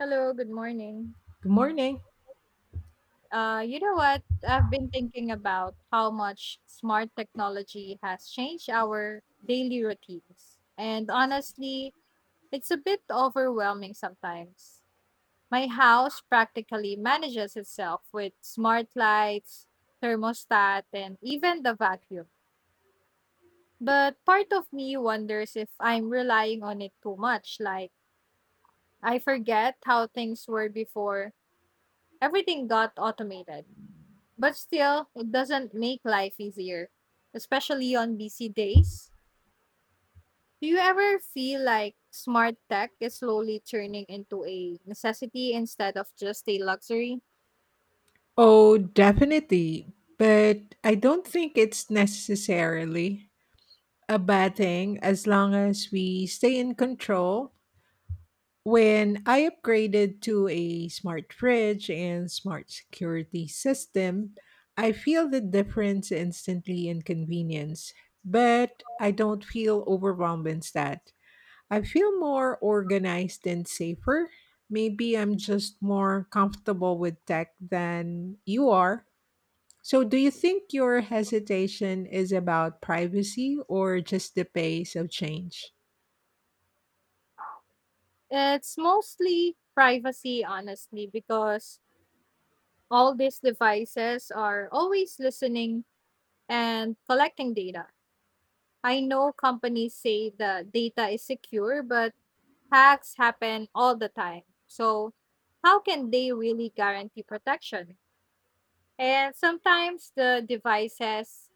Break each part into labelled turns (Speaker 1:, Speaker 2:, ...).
Speaker 1: Hello, good morning.
Speaker 2: Good morning.
Speaker 1: You know what? I've been thinking about how much smart technology has changed our daily routines. And honestly, it's a bit overwhelming sometimes. My house practically manages itself with smart lights, thermostat, and even the vacuum. But part of me wonders if I'm relying on it too much. Like, I forget how things were before everything got automated. But still, it doesn't make life easier, especially on busy days. Do you ever feel like smart tech is slowly turning into a necessity instead of just a luxury?
Speaker 2: Oh, definitely. But I don't think it's necessarily a bad thing as long as we stay in control. When I upgraded to a smart fridge and smart security system, I feel the difference instantly in convenience, but I don't feel overwhelmed instead. I feel more organized and safer. Maybe I'm just more comfortable with tech than you are. So, do you think your hesitation is about privacy or just the pace of change?
Speaker 1: It's mostly privacy, honestly, because all these devices are always listening and collecting data. I know companies say the data is secure, but hacks happen all the time. So, how can they really guarantee protection? And sometimes the devices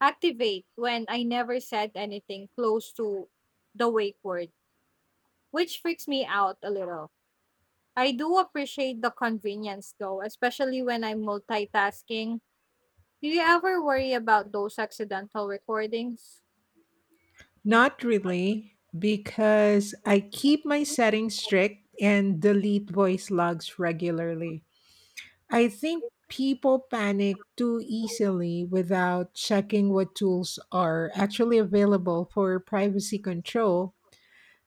Speaker 1: activate when I never said anything close to the wake word, which freaks me out a little. I do appreciate the convenience though, especially when I'm multitasking. Do you ever worry about those accidental recordings?
Speaker 2: Not really, because I keep my settings strict and delete voice logs regularly. I think people panic too easily without checking what tools are actually available for privacy control.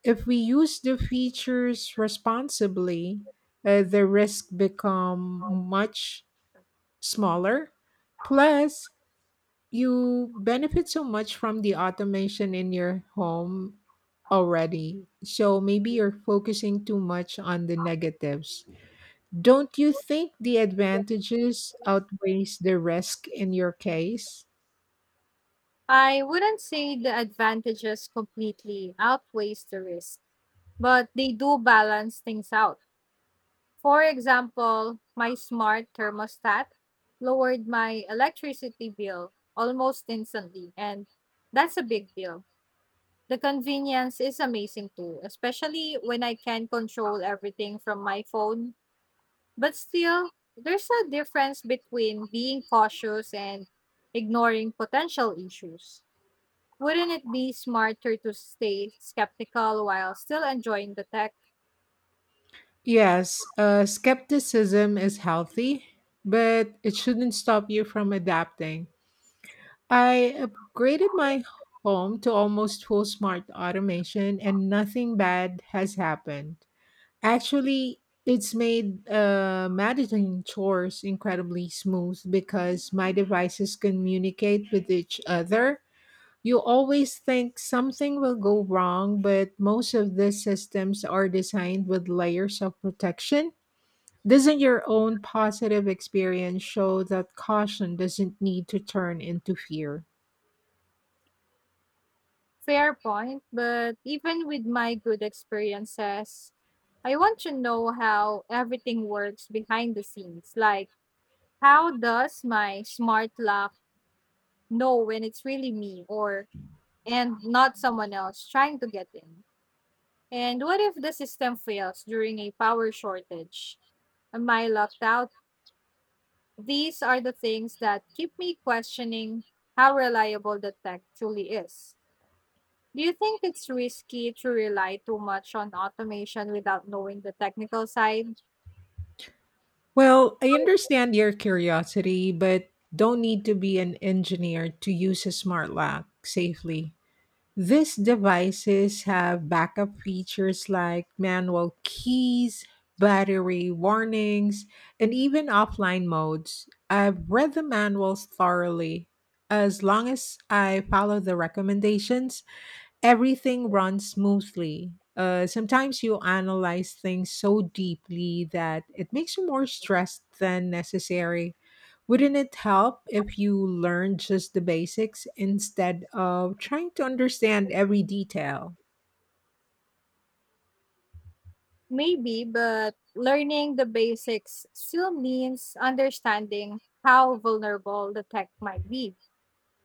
Speaker 2: If we use the features responsibly, the risk become much smaller. Plus, you benefit so much from the automation in your home already. So maybe you're focusing too much on the negatives. Don't you think the advantages outweighs the risk in your case?
Speaker 1: I wouldn't say the advantages completely outweighs the risk, but they do balance things out. For example, my smart thermostat lowered my electricity bill almost instantly, and that's a big deal. The convenience is amazing too, especially when I can control everything from my phone. But still, there's a difference between being cautious and ignoring potential issues. Wouldn't it be smarter to stay skeptical while still enjoying the tech?
Speaker 2: Yes, skepticism is healthy, but it shouldn't stop you from adapting. I upgraded my home to almost full smart automation, and nothing bad has happened. Actually, it's made managing chores incredibly smooth because my devices communicate with each other. You always think something will go wrong, but most of these systems are designed with layers of protection. Doesn't your own positive experience show that caution doesn't need to turn into fear?
Speaker 1: Fair point, but even with my good experiences, I want to know how everything works behind the scenes. Like, how does my smart lock know when it's really me or and not someone else trying to get in? And what if the system fails during a power shortage? Am I locked out? These are the things that keep me questioning how reliable the tech truly is. Do you think it's risky to rely too much on automation without knowing the technical side?
Speaker 2: Well, I understand your curiosity, but don't need to be an engineer to use a smart lock safely. These devices have backup features like manual keys, battery warnings, and even offline modes. I've read the manuals thoroughly. As long as I follow the recommendations, everything runs smoothly. Sometimes you analyze things so deeply that it makes you more stressed than necessary. Wouldn't it help if you learned just the basics instead of trying to understand every detail?
Speaker 1: Maybe, but learning the basics still means understanding how vulnerable the tech might be.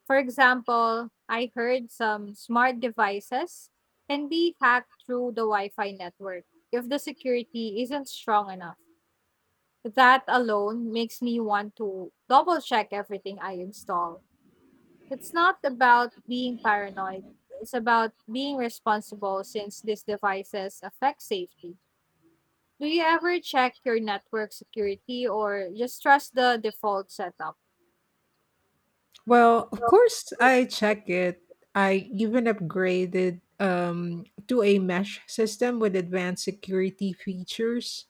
Speaker 1: For example, I heard some smart devices can be hacked through the Wi Fi network if the security isn't strong enough. That alone makes me want to double check everything I install. It's not about being paranoid. It's about being responsible since these devices affect safety. Do you ever check your network security or just trust the default setup?
Speaker 2: Well, of course, I check it. I even upgraded to a mesh system with advanced security features.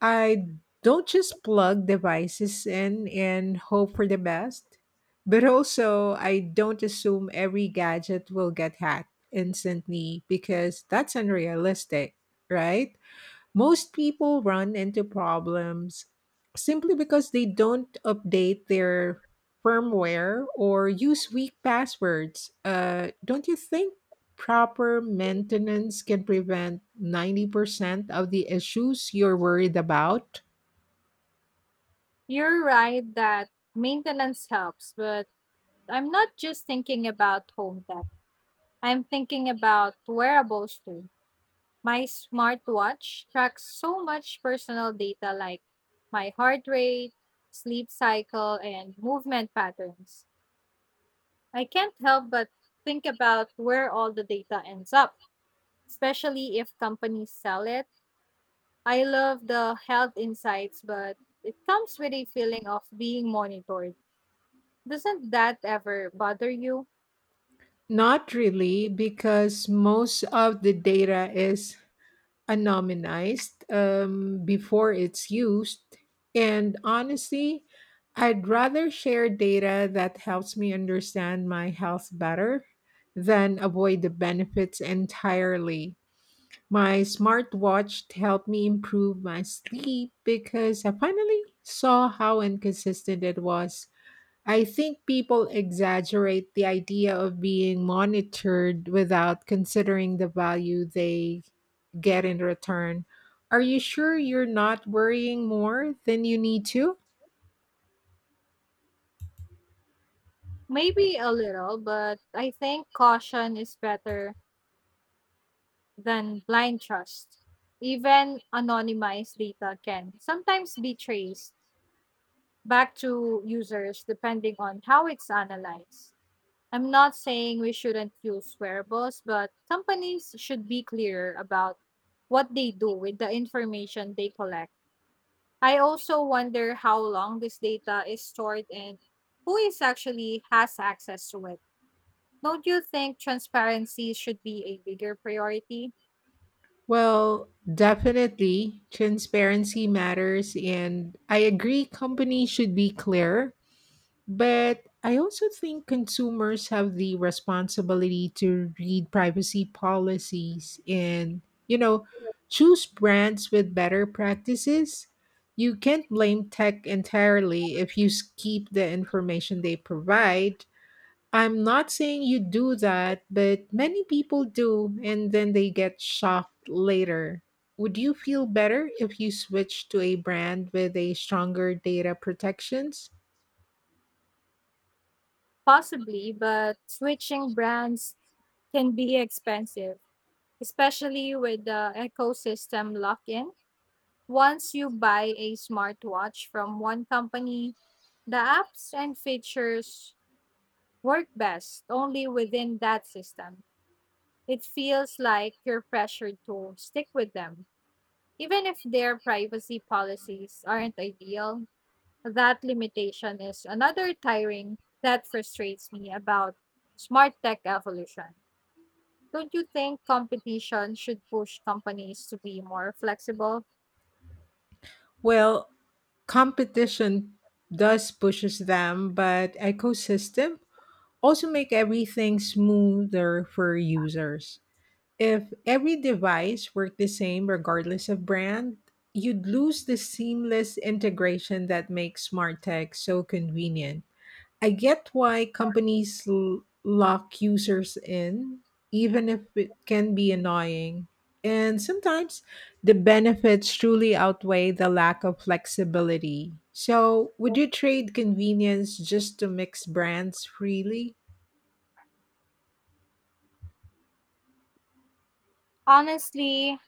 Speaker 2: I don't just plug devices in and hope for the best, but also I don't assume every gadget will get hacked instantly because that's unrealistic, right? Most people run into problems simply because they don't update their firmware or use weak passwords. Don't you think proper maintenance can prevent 90% of the issues you're worried about?
Speaker 1: You're right that maintenance helps, but I'm not just thinking about home tech. I'm thinking about wearables too. My smartwatch tracks so much personal data like my heart rate, sleep cycle, and movement patterns. I can't help but think about where all the data ends up, especially if companies sell it. I love the health insights, but it comes with a feeling of being monitored. Doesn't that ever bother you?
Speaker 2: Not really, because most of the data is anonymized before it's used. And honestly, I'd rather share data that helps me understand my health better than avoid the benefits entirely. My smartwatch helped me improve my sleep because I finally saw how inconsistent it was. I think people exaggerate the idea of being monitored without considering the value they get in return. Are you sure you're not worrying more than you need to?
Speaker 1: Maybe a little, but I think caution is better than blind trust. Even anonymized data can sometimes be traced back to users depending on how it's analyzed. I'm not saying we shouldn't use wearables, but companies should be clear about what they do with the information they collect. I also wonder how long this data is stored and who is actually has access to it. Don't you think transparency should be a bigger priority?
Speaker 2: Well, definitely, transparency matters, and I agree companies should be clear, but I also think consumers have the responsibility to read privacy policies and, choose brands with better practices. You can't blame tech entirely if you skip the information they provide. I'm not saying you do that, but many people do, and then they get shocked later. Would you feel better if you switched to a brand with a stronger data protections?
Speaker 1: Possibly, but switching brands can be expensive, especially with the ecosystem lock in. Once you buy a smartwatch from one company, the apps and features work best only within that system. It feels like you're pressured to stick with them. Even if their privacy policies aren't ideal, that limitation is another tiring that frustrates me about smart tech evolution. Don't you think competition should push companies to be more flexible?
Speaker 2: Well, competition does pushes them, but ecosystem also make everything smoother for users. If every device worked the same regardless of brand, you'd lose the seamless integration that makes smart tech so convenient. I get why companies lock users in, even if it can be annoying. And sometimes the benefits truly outweigh the lack of flexibility. So, would you trade convenience just to mix brands freely?
Speaker 1: Honestly,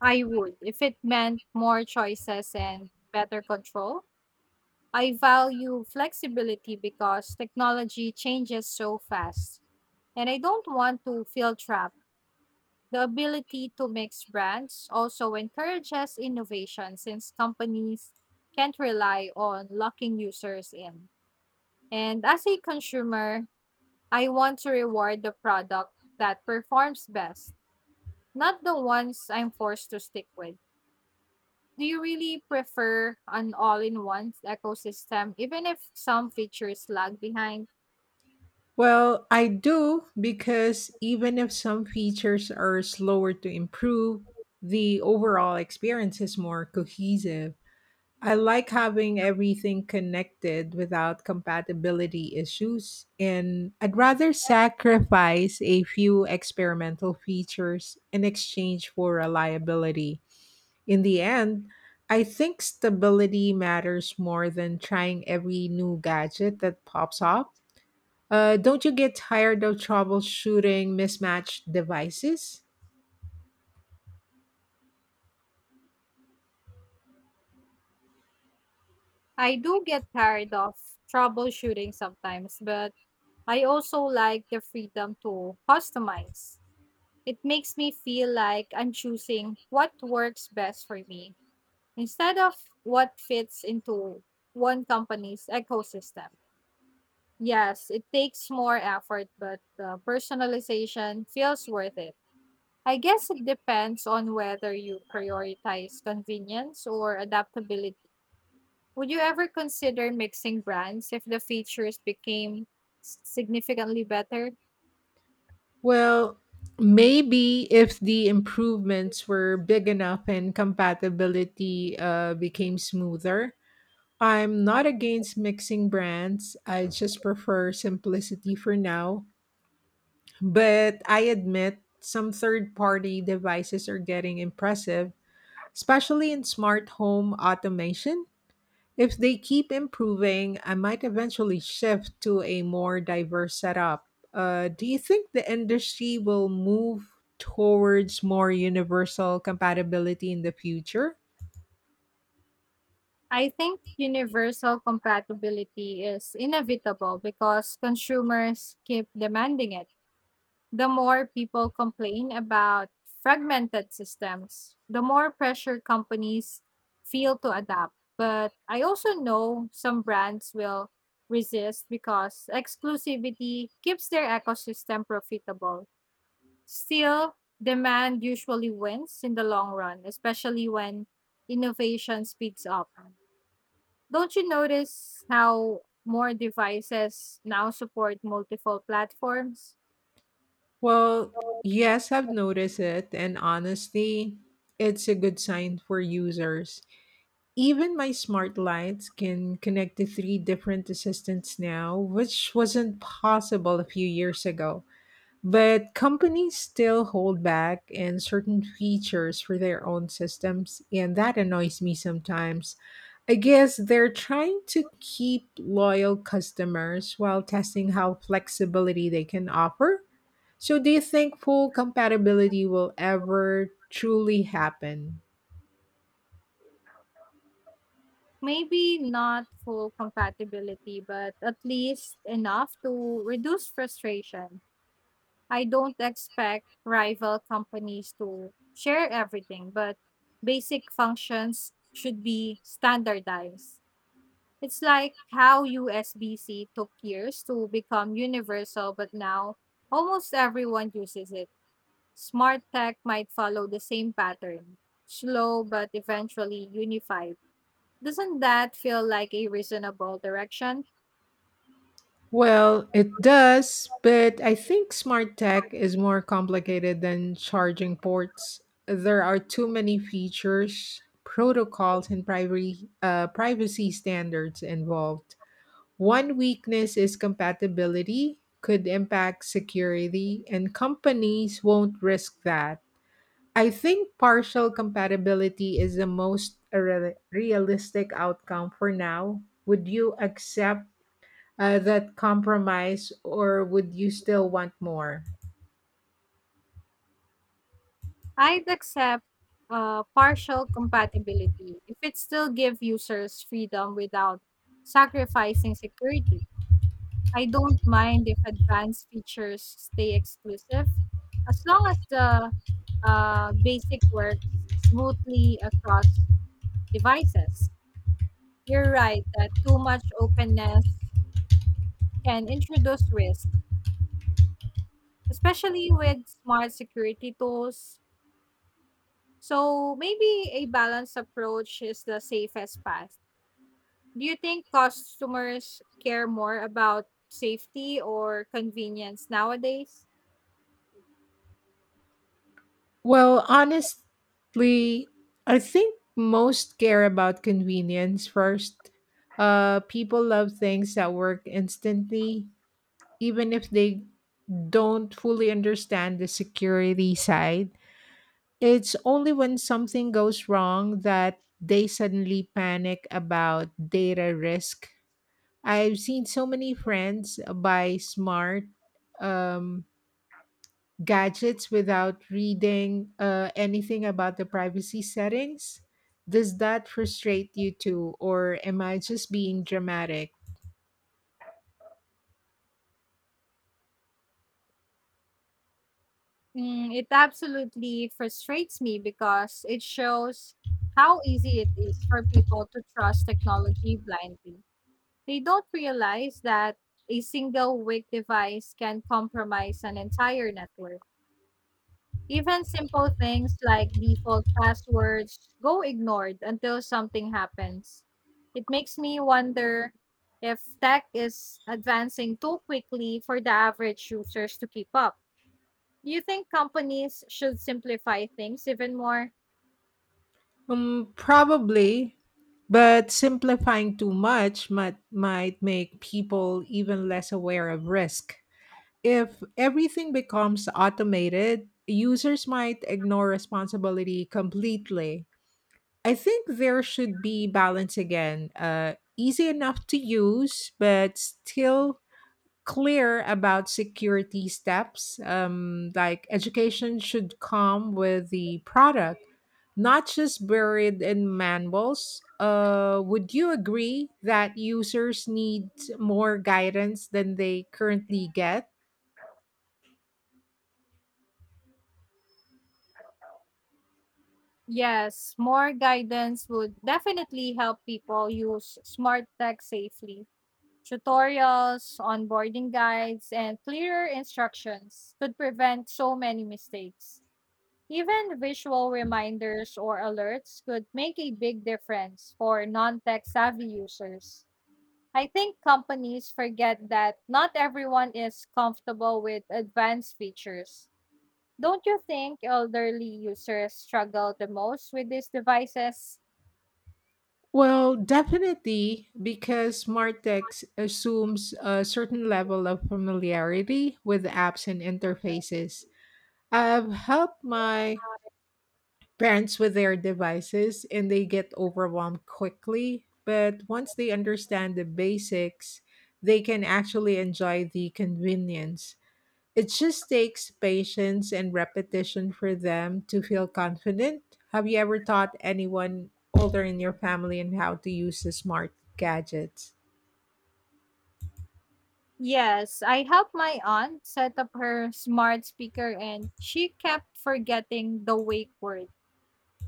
Speaker 1: I would, if it meant more choices and better control. I value flexibility because technology changes so fast, and I don't want to feel trapped. The ability to mix brands also encourages innovation since companies can't rely on locking users in. And as a consumer, I want to reward the product that performs best, not the ones I'm forced to stick with. Do you really prefer an all-in-one ecosystem, even if some features lag behind?
Speaker 2: Well, I do because even if some features are slower to improve, the overall experience is more cohesive. I like having everything connected without compatibility issues, and I'd rather sacrifice a few experimental features in exchange for reliability. In the end, I think stability matters more than trying every new gadget that pops up. Don't you get tired of troubleshooting mismatched devices?
Speaker 1: I do get tired of troubleshooting sometimes, but I also like the freedom to customize. It makes me feel like I'm choosing what works best for me instead of what fits into one company's ecosystem. Yes, it takes more effort, but the personalization feels worth it. I guess it depends on whether you prioritize convenience or adaptability. Would you ever consider mixing brands if the features became significantly better?
Speaker 2: Well, maybe if the improvements were big enough and compatibility became smoother. I'm not against mixing brands, I just prefer simplicity for now. But I admit some third party devices are getting impressive, especially in smart home automation. If they keep improving, I might eventually shift to a more diverse setup. Do you think the industry will move towards more universal compatibility in the future?
Speaker 1: I think universal compatibility is inevitable because consumers keep demanding it. The more people complain about fragmented systems, the more pressure companies feel to adapt. But I also know some brands will resist because exclusivity keeps their ecosystem profitable. Still, demand usually wins in the long run, especially when innovation speeds up. Don't you notice how more devices now support multiple platforms?
Speaker 2: Well, yes, I've noticed it, and honestly, it's a good sign for users. Even my smart lights can connect to three different assistants now, which wasn't possible a few years ago. But companies still hold back in certain features for their own systems, and that annoys me sometimes. I guess they're trying to keep loyal customers while testing how flexibility they can offer. So, do you think full compatibility will ever truly happen?
Speaker 1: Maybe not full compatibility, but at least enough to reduce frustration. I don't expect rival companies to share everything, but basic functions should be standardized. It's like how USB-C took years to become universal, but now almost everyone uses it. Smart tech might follow the same pattern, slow but eventually unified. Doesn't that feel like a reasonable direction?
Speaker 2: Well, it does, but I think smart tech is more complicated than charging ports. There are too many features, protocols, and privacy standards involved. One weakness is compatibility could impact security, and companies won't risk that. I think partial compatibility is the most realistic outcome for now. Would you accept that compromise, or would you still want more?
Speaker 1: I'd accept partial compatibility if it still gives users freedom without sacrificing security. I don't mind if advanced features stay exclusive as long as the basic works smoothly across devices. You're right that too much openness can introduce risk, especially with smart security tools. So maybe a balanced approach is the safest path. Do you think customers care more about safety or convenience nowadays?
Speaker 2: Well, honestly, I think most care about convenience first. People love things that work instantly, even if they don't fully understand the security side. It's only when something goes wrong that they suddenly panic about data risk. I've seen so many friends buy smart um, gadgets without reading anything about the privacy settings. Does that frustrate you too, or am I just being dramatic?
Speaker 1: Mm, it absolutely frustrates me because it shows how easy it is for people to trust technology blindly. They don't realize that a single weak device can compromise an entire network. Even simple things like default passwords go ignored until something happens. It makes me wonder if tech is advancing too quickly for the average users to keep up. Do you think companies should simplify things even more?
Speaker 2: Probably, but simplifying too much might make people even less aware of risk. If everything becomes automated, users might ignore responsibility completely. I think there should be balance again. Easy enough to use, but still clear about security steps. Like education should come with the product, not just buried in manuals. Would you agree that users need more guidance than they currently get?
Speaker 1: Yes, more guidance would definitely help people use smart tech safely. Tutorials, onboarding guides, and clearer instructions could prevent so many mistakes. Even visual reminders or alerts could make a big difference for non tech savvy users. I think companies forget that not everyone is comfortable with advanced features. Don't you think elderly users struggle the most with these devices?
Speaker 2: Well, definitely, because smart assumes a certain level of familiarity with apps and interfaces. I've helped my parents with their devices and they get overwhelmed quickly, but once they understand the basics, they can actually enjoy the convenience. It just takes patience and repetition for them to feel confident. Have you ever taught anyone older in your family and how to use the smart gadgets?
Speaker 1: Yes, I helped my aunt set up her smart speaker and she kept forgetting the wake word.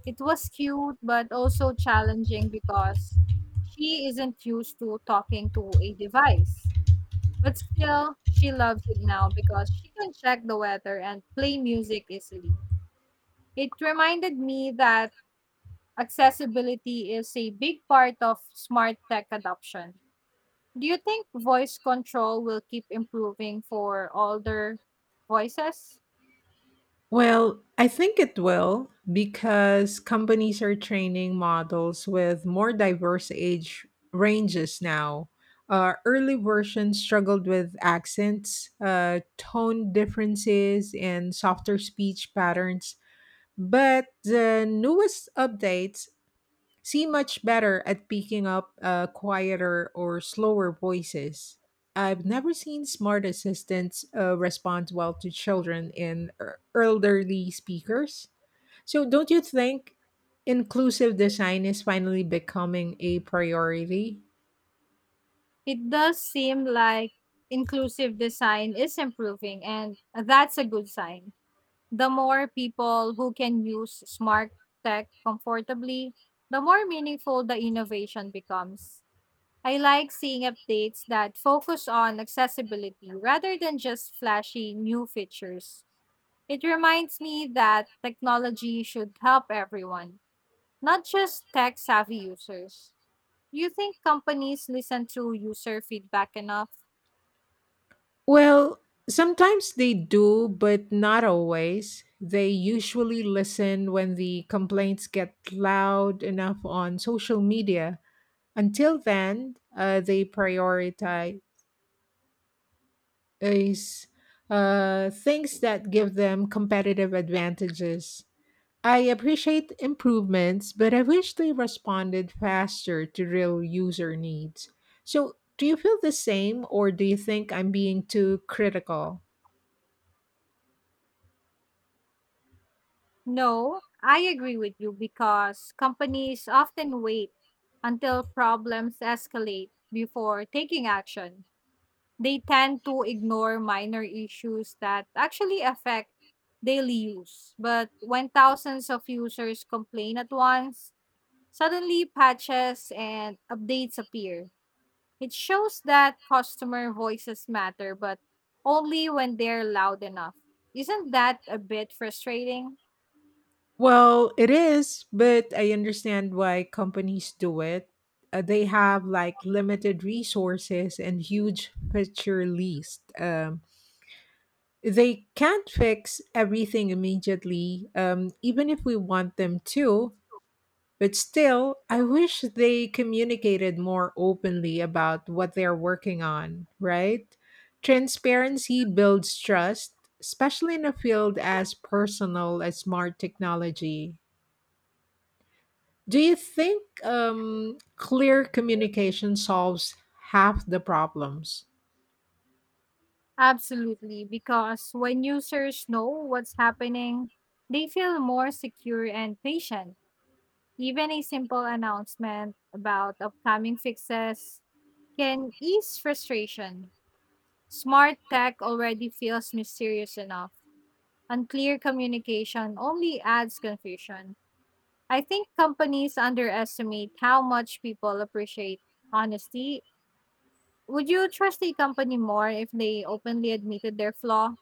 Speaker 1: It was cute but also challenging because she isn't used to talking to a device. But still, she loves it now because she can check the weather and play music easily. It reminded me that accessibility is a big part of smart tech adoption. Do you think voice control will keep improving for older voices?
Speaker 2: Well, I think it will because companies are training models with more diverse age ranges now. Early versions struggled with accents, tone differences, and softer speech patterns. But the newest updates seem much better at picking up quieter or slower voices. I've never seen smart assistants respond well to children and elderly speakers. So, don't you think inclusive design is finally becoming a priority?
Speaker 1: It does seem like inclusive design is improving, and that's a good sign. The more people who can use smart tech comfortably, the more meaningful the innovation becomes. I like seeing updates that focus on accessibility rather than just flashy new features. It reminds me that technology should help everyone. Not just tech savvy users. Do you think companies listen to user feedback enough?
Speaker 2: Well, sometimes they do, but not always. They usually listen when the complaints get loud enough on social media. Until then, they prioritize things that give them competitive advantages. I appreciate improvements, but I wish they responded faster to real user needs. So, do you feel the same, or do you think I'm being too critical?
Speaker 1: No, I agree with you because companies often wait until problems escalate before taking action. They tend to ignore minor issues that actually affect daily use. But when thousands of users complain at once, suddenly patches and updates appear. It shows that customer voices matter, but only when they're loud enough. Isn't that a bit frustrating?
Speaker 2: Well, it is, but I understand why companies do it. They have like limited resources and huge picture list. They can't fix everything immediately, even if we want them to. But still, I wish they communicated more openly about what they're working on, right? Transparency builds trust, especially in a field as personal as smart technology. Do you think clear communication solves half the problems?
Speaker 1: Absolutely, because when users know what's happening, they feel more secure and patient. Even a simple announcement about upcoming fixes can ease frustration. Smart tech already feels mysterious enough. Unclear communication only adds confusion. I think companies underestimate how much people appreciate honesty. Would you trust a company more if they openly admitted their flaw?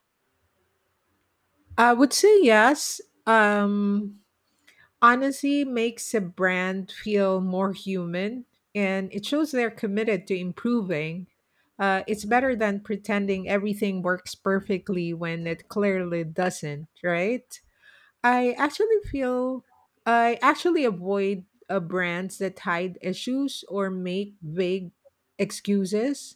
Speaker 2: I would say yes. Um, Honesty makes a brand feel more human, and it shows they're committed to improving. It's better than pretending everything works perfectly when it clearly doesn't, right? I actually feel I actually avoid brands that hide issues or make vague excuses.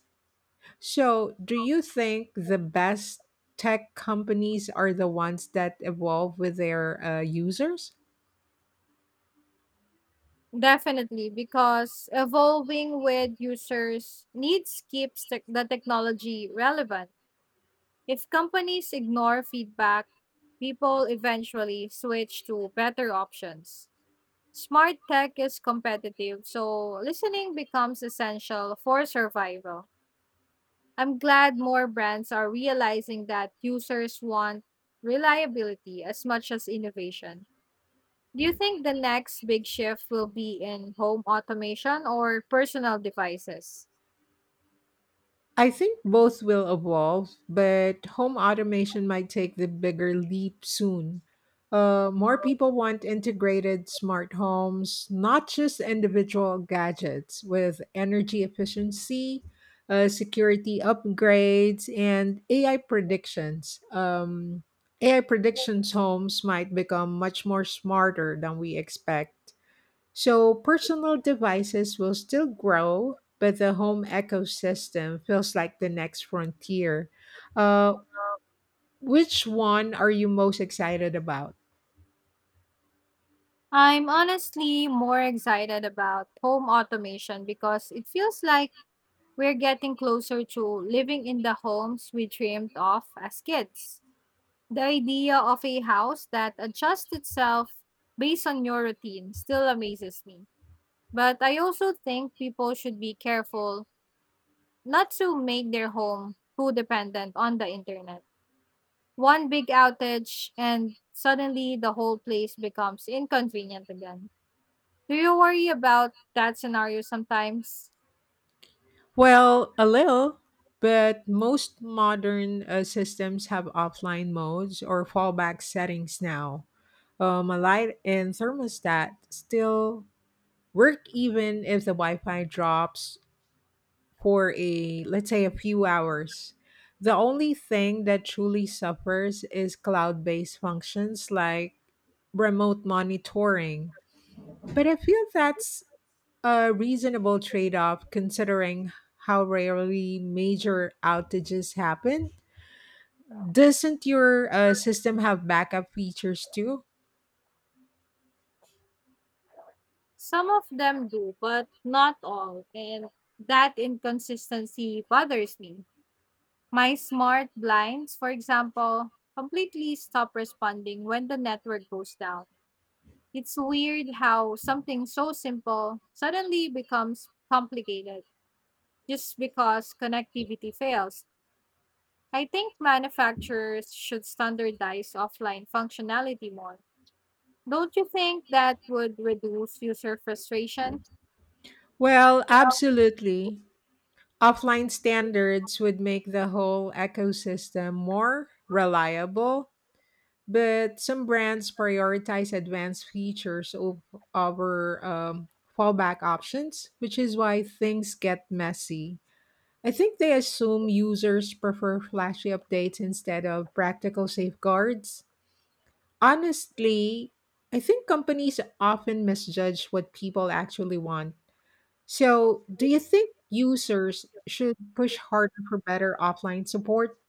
Speaker 2: So, do you think the best tech companies are the ones that evolve with their users?
Speaker 1: Definitely, because evolving with users needs keeps tech the technology relevant. If companies ignore feedback, people eventually switch to better options. Smart tech is competitive, so listening becomes essential for survival. I'm glad more brands are realizing that users want reliability as much as innovation. Do you think the next big shift will be in home automation or personal devices?
Speaker 2: I think both will evolve, but home automation might take the bigger leap soon. More people want integrated smart homes, not just individual gadgets, with energy efficiency, security upgrades, and AI predictions. AI predictions homes might become much more smarter than we expect. So personal devices will still grow, but the home ecosystem feels like the next frontier. Uh, which one are you most excited about?
Speaker 1: I'm honestly more excited about home automation because it feels like we're getting closer to living in the homes we dreamed of as kids. The idea of a house that adjusts itself based on your routine still amazes me. But I also think people should be careful not to make their home too dependent on the internet. One big outage and suddenly the whole place becomes inconvenient again. Do you worry about that scenario sometimes?
Speaker 2: Well, a little, but most modern systems have offline modes or fallback settings now. A light and thermostat still work even if the Wi Fi drops for a let's say a few hours. The only thing that truly suffers is cloud-based functions like remote monitoring. But I feel that's a reasonable trade-off considering how rarely major outages happen. Doesn't your system have backup features too?
Speaker 1: Some of them do, but not all. And that inconsistency bothers me. My smart blinds, for example, completely stop responding when the network goes down. It's weird how something so simple suddenly becomes complicated just because connectivity fails. I think manufacturers should standardize offline functionality more. Don't you think that would reduce user frustration?
Speaker 2: Well, absolutely. Offline standards would make the whole ecosystem more reliable, but some brands prioritize advanced features of over fallback options, which is why things get messy. I think they assume users prefer flashy updates instead of practical safeguards. Honestly, I think companies often misjudge what people actually want. So, do you think users should push harder for better offline support?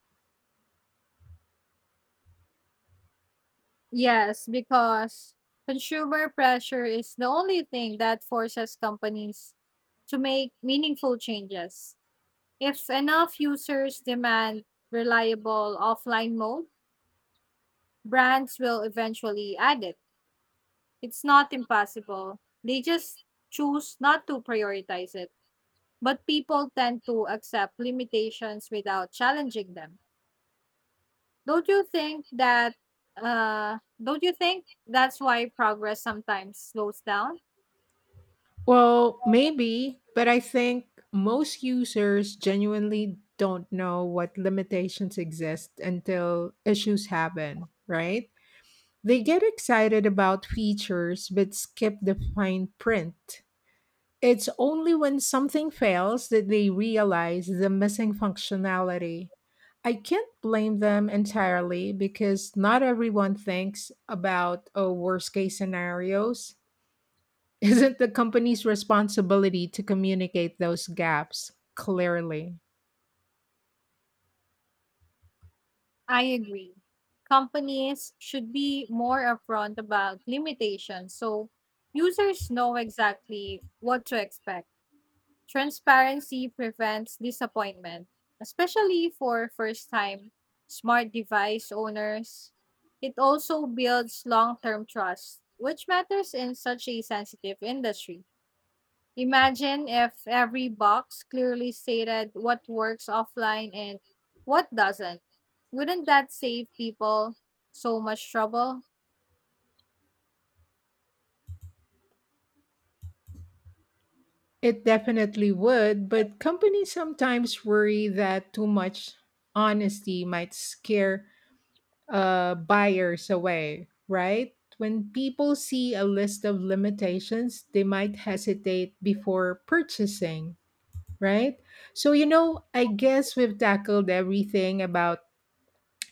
Speaker 1: Yes, because consumer pressure is the only thing that forces companies to make meaningful changes. If enough users demand reliable offline mode, brands will eventually add it. It's not impossible. They just choose not to prioritize it. But people tend to accept limitations without challenging them. Don't you think that don't you think that's why progress sometimes slows down?
Speaker 2: Well, maybe, but I think most users genuinely don't know what limitations exist until issues happen, right? They get excited about features but skip the fine print. It's only when something fails that they realize the missing functionality. I can't blame them entirely because not everyone thinks about oh, worst case scenarios. Isn't the company's responsibility to communicate those gaps clearly?
Speaker 1: I agree. Companies should be more upfront about limitations so users know exactly what to expect. Transparency prevents disappointment, especially for first time smart device owners. It also builds long term trust, which matters in such a sensitive industry. Imagine if every box clearly stated what works offline and what doesn't. Wouldn't that save people so much trouble?
Speaker 2: It definitely would, but companies sometimes worry that too much honesty might scare buyers away, right? When people see a list of limitations, they might hesitate before purchasing, right? So, I guess we've tackled everything about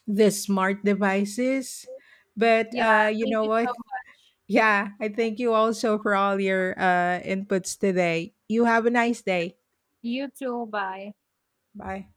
Speaker 2: the smart devices, but
Speaker 1: Yeah,
Speaker 2: you
Speaker 1: thank
Speaker 2: know
Speaker 1: you so
Speaker 2: what?
Speaker 1: much.
Speaker 2: Yeah, I thank you also for all your inputs today. You have a nice day.
Speaker 1: You too. Bye.
Speaker 2: Bye.